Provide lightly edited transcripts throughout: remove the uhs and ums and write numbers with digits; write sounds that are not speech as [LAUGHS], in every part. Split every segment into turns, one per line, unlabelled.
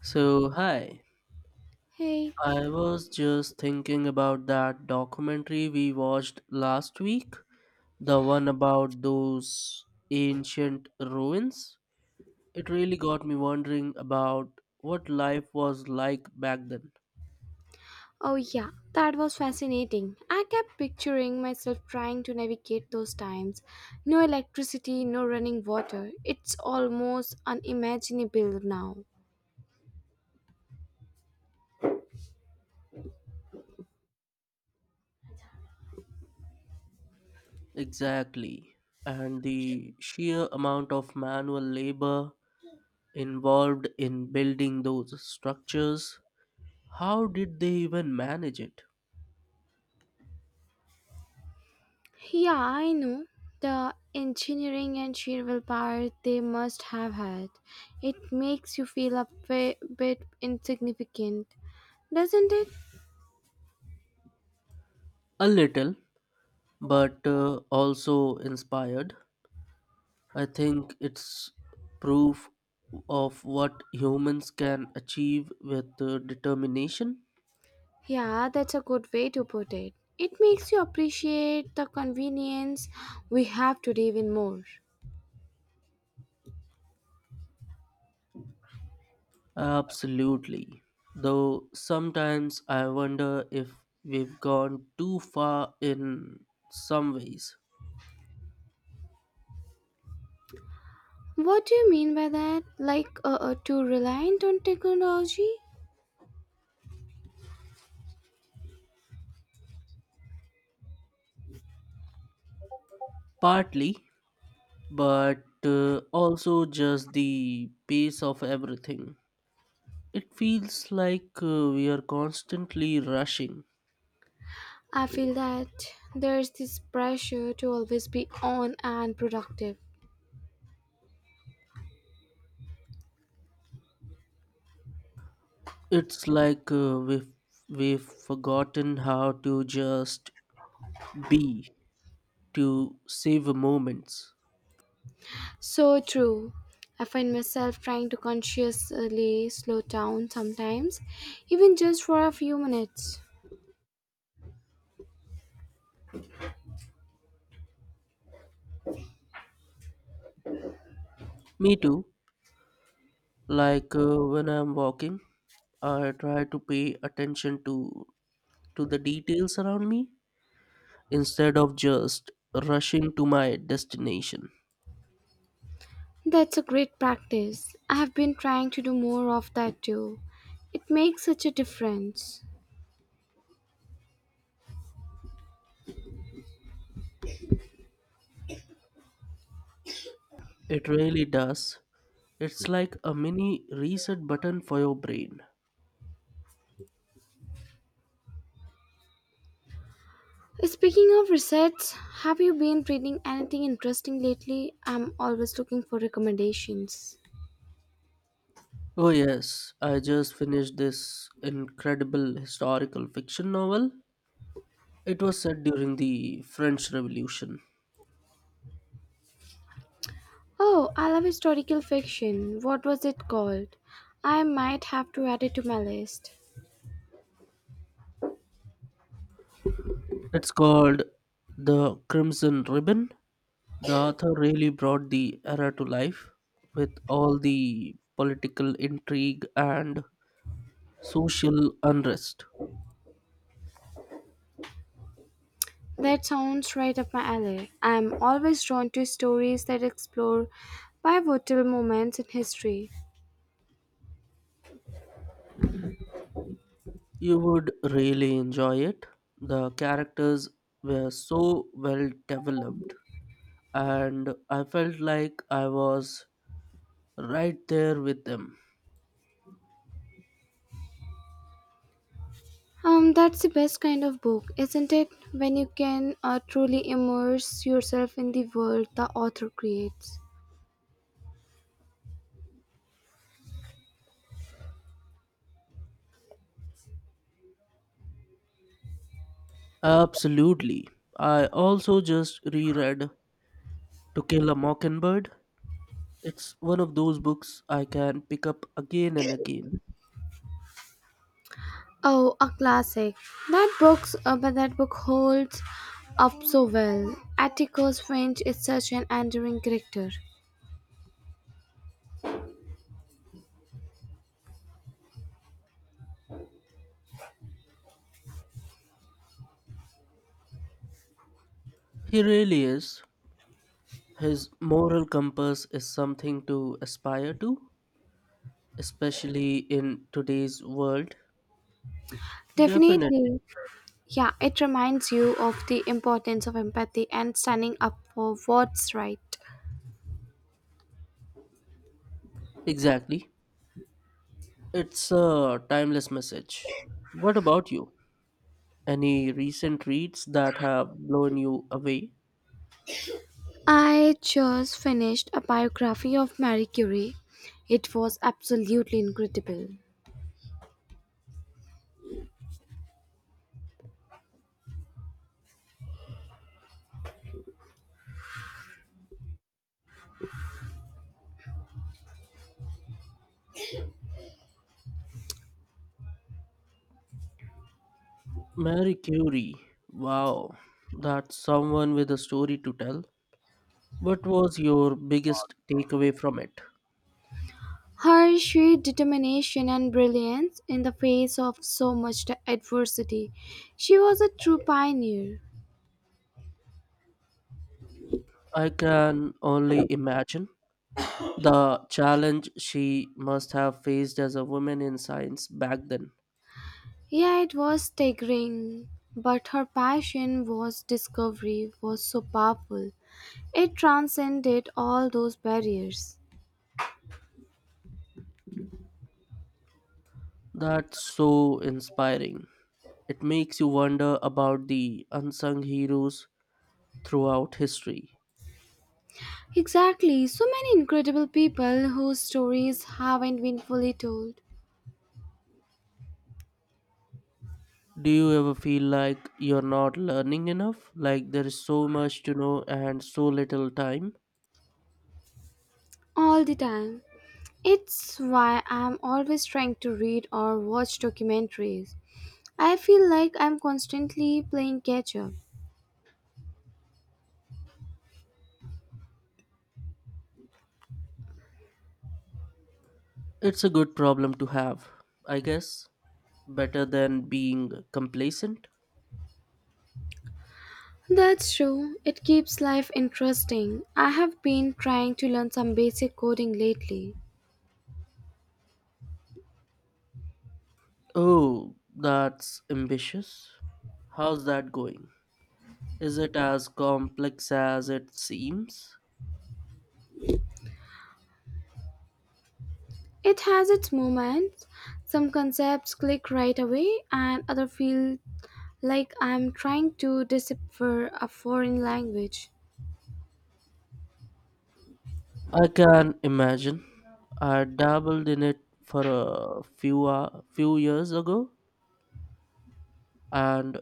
So, hi.
Hey,
I was just thinking about that documentary we watched last week, the one about those ancient ruins. It really got me wondering about what life was like back then.
oh yeah, that was fascinating. I kept picturing myself trying to navigate those times. No electricity, no running water. It's almost unimaginable now.
Exactly. And the sheer amount of manual labor involved in building those structures. How did they even manage it?
Yeah, I know. The engineering and sheer willpower they must have had. It makes you feel a bit insignificant, doesn't it?
A little, but also inspired. I think it's proof of what humans can achieve with determination.
Yeah, that's a good way to put it. It makes you appreciate the convenience we have today even more.
Absolutely. Though sometimes I wonder if we've gone too far in some ways.
What do you mean by that? Like too reliant on technology?
Partly, but also just the pace of everything. It feels like we are constantly rushing.
I feel that there's this pressure to always be on and productive.
It's like we've forgotten how to just B to savor moments.
So true. I find myself trying to consciously slow down sometimes, even just for a few minutes.
Me too. Like when I'm walking, I try to pay attention to the details around me instead of just rushing to my destination.
That's a great practice. I have been trying to do more of that too. It makes such a difference.
It really does. It's like a mini reset button for your brain.
Speaking of resets, have you been reading anything interesting lately? I'm always looking for recommendations.
Oh yes, I just finished this incredible historical fiction novel. It was set during the French Revolution.
Oh, I love historical fiction. What was it called? I might have to add it to my list.
It's called The Crimson Ribbon. The author really brought the era to life with all the political intrigue and social unrest.
That sounds right up my alley. I'm always drawn to stories that explore pivotal moments in history.
You would really enjoy it. The characters were so well developed, and I felt like I was right there with them.
That's the best kind of book, isn't it? When you can truly immerse yourself in the world the author creates.
Absolutely. I also just reread To Kill a Mockingbird. It's one of those books I can pick up again and again.
Oh, a classic. That book's but that book holds up so well. Atticus Finch is such an enduring character.
He really is. His moral compass is something to aspire to, especially in today's world. Definitely.
Definitely. Yeah, it reminds you of the importance of empathy and standing up for what's right.
Exactly. It's a timeless message. What about you? Any recent reads that have blown you away?
I just finished a biography of Marie Curie. It was absolutely incredible.
Mary Curie. Wow, that's someone with a story to tell. What was your biggest takeaway from it?
Her sheer determination and brilliance in the face of so much adversity. She was a true pioneer.
I can only imagine. The challenge she must have faced as a woman in science back then.
Yeah, it was staggering, but her passion was discovery was so powerful. It transcended all those barriers.
That's so inspiring. It makes you wonder about the unsung heroes throughout history.
Exactly, so many incredible people whose stories haven't been fully told
Do you ever feel like you're not learning enough? Like there is so much to know and so little time?
all the time. It's why I'm always trying to read or watch documentaries. I feel like I'm constantly playing catch up.
It's a good problem to have, I guess. Better than being complacent.
That's true. It keeps life interesting. I have been trying to learn some basic coding lately.
Oh, that's ambitious. How's that going? Is it as complex as it seems?
It has its moments. Some concepts click right away, and other feel like I'm trying to decipher a foreign language.
I can imagine. I dabbled in it for a few years ago and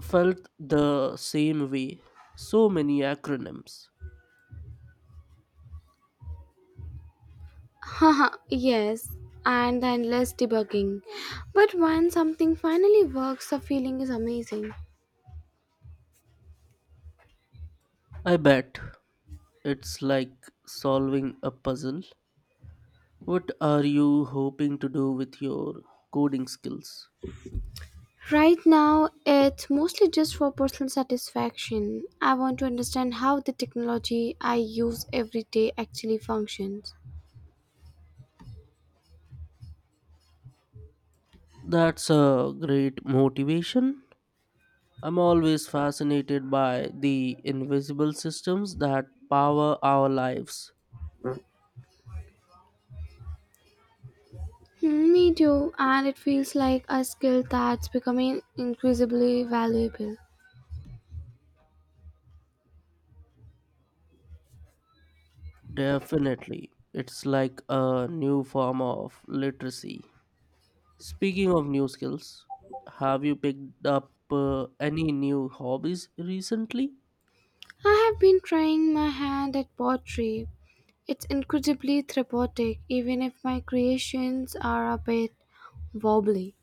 felt the same way. So many acronyms.
Haha, yes, and then less debugging. But when something finally works, the feeling is amazing.
I bet it's like solving a puzzle. What are you hoping to do with your coding skills?
Right now, it's mostly just for personal satisfaction. I want to understand how the technology I use every day actually functions.
That's a great motivation. I'm always fascinated by the invisible systems that power our lives.
Hmm, me too, and it feels like a skill that's becoming increasingly valuable.
Definitely. It's like a new form of literacy. Speaking of new skills, have you picked up any new hobbies recently?
I have been trying my hand at pottery. It's incredibly therapeutic, even if my creations are a bit wobbly.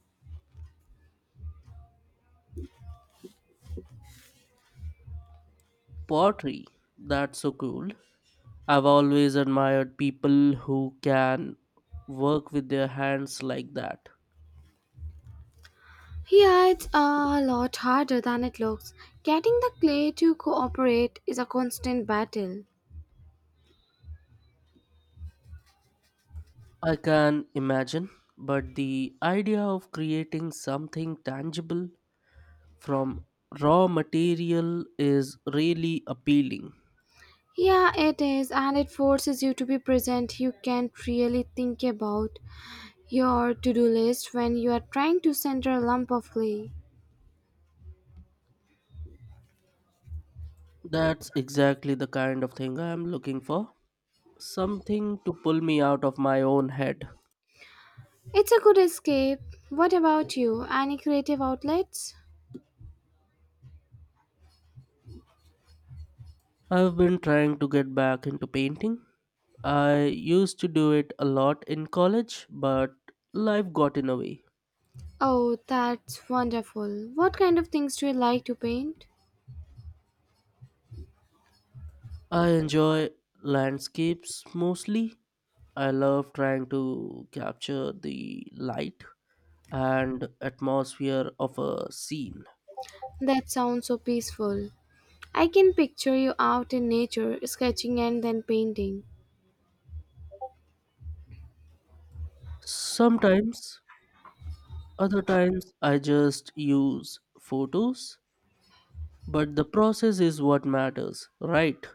Pottery. That's so cool. I've always admired people who can work with their hands like that.
Yeah, it's a lot harder than it looks. Getting the clay to cooperate is a constant battle.
I can imagine, but the idea of creating something tangible from raw material is really appealing.
Yeah, it is, and it forces you to be present. You can't really think about your to do list when you are trying to center a lump of clay.
That's exactly the kind of thing I am looking for. Something to pull me out of my own head.
It's a good escape. What about you? Any creative outlets?
I've been trying to get back into painting. I used to do it a lot in college, but life got in the way.
Oh, that's wonderful. What kind of things do you like to paint?
I enjoy landscapes mostly. I love trying to capture the light and atmosphere of a scene.
That sounds so peaceful. I can picture you out in nature, sketching and then painting.
Sometimes other times I just use photos, but the process is what matters, right?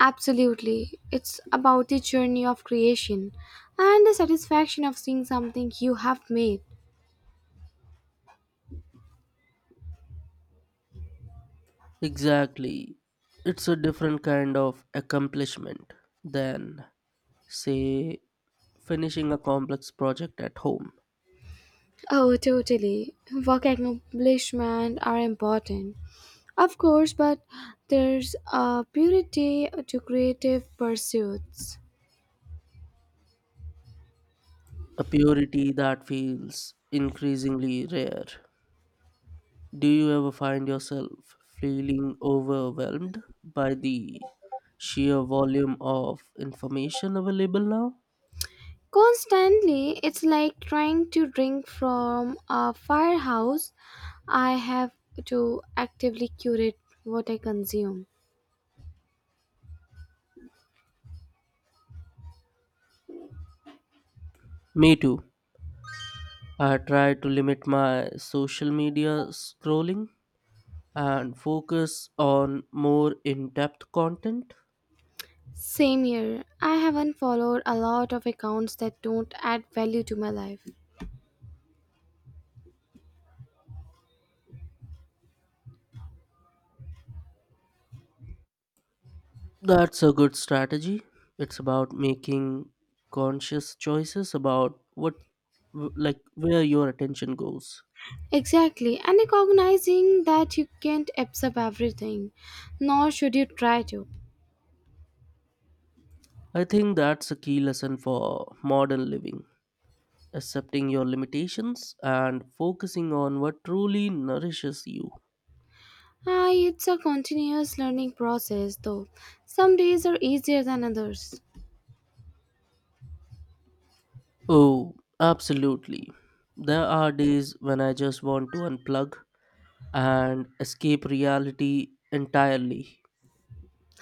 Absolutely. It's about the journey of creation and the satisfaction of seeing something you have made.
Exactly. It's a different kind of accomplishment than, say, finishing a complex project at home.
Oh, totally. Work accomplishment are important. Of course, but there's a purity to creative pursuits.
A purity that feels increasingly rare. Do you ever find yourself feeling overwhelmed by the sheer volume of information available now?
Constantly, it's like trying to drink from a firehouse. I have to actively curate what I consume.
Me too. I try to limit my social media scrolling and focus on more in depth content.
Same here. I haven't followed a lot of accounts that don't add value to my life.
That's a good strategy. It's about making conscious choices about what, like, where your attention goes.
Exactly, and recognizing that you can't absorb everything, nor should you try to.
I think that's a key lesson for modern living, accepting your limitations and focusing on what truly nourishes you.
Ah, it's a continuous learning process, though. Some days are easier than others.
Oh, absolutely. There are days when I just want to unplug and escape reality entirely.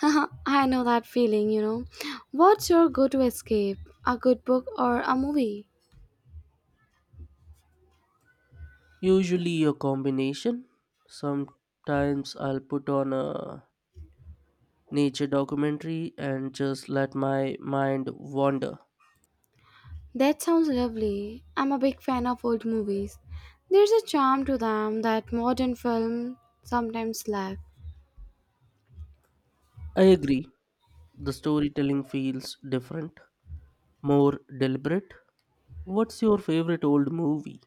[LAUGHS] I know that feeling. What's your go to escape? A good book or a movie?
Usually a combination. Sometimes I'll put on a nature documentary and just let my mind wander.
That sounds lovely. I'm a big fan of old movies. There's a charm to them that modern film sometimes lack.
I agree, the storytelling feels different, more deliberate. What's your favorite old movie?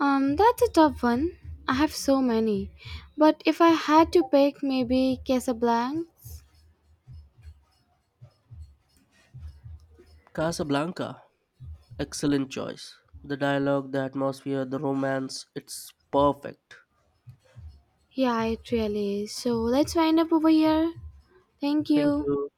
That's a tough one. I have so many. But if I had to pick, maybe Casablanca.
Casablanca. Excellent choice. The dialogue, the atmosphere, the romance, it's perfect.
Yeah, it really is. So let's wind up over here. Thank
Thank
you.
you.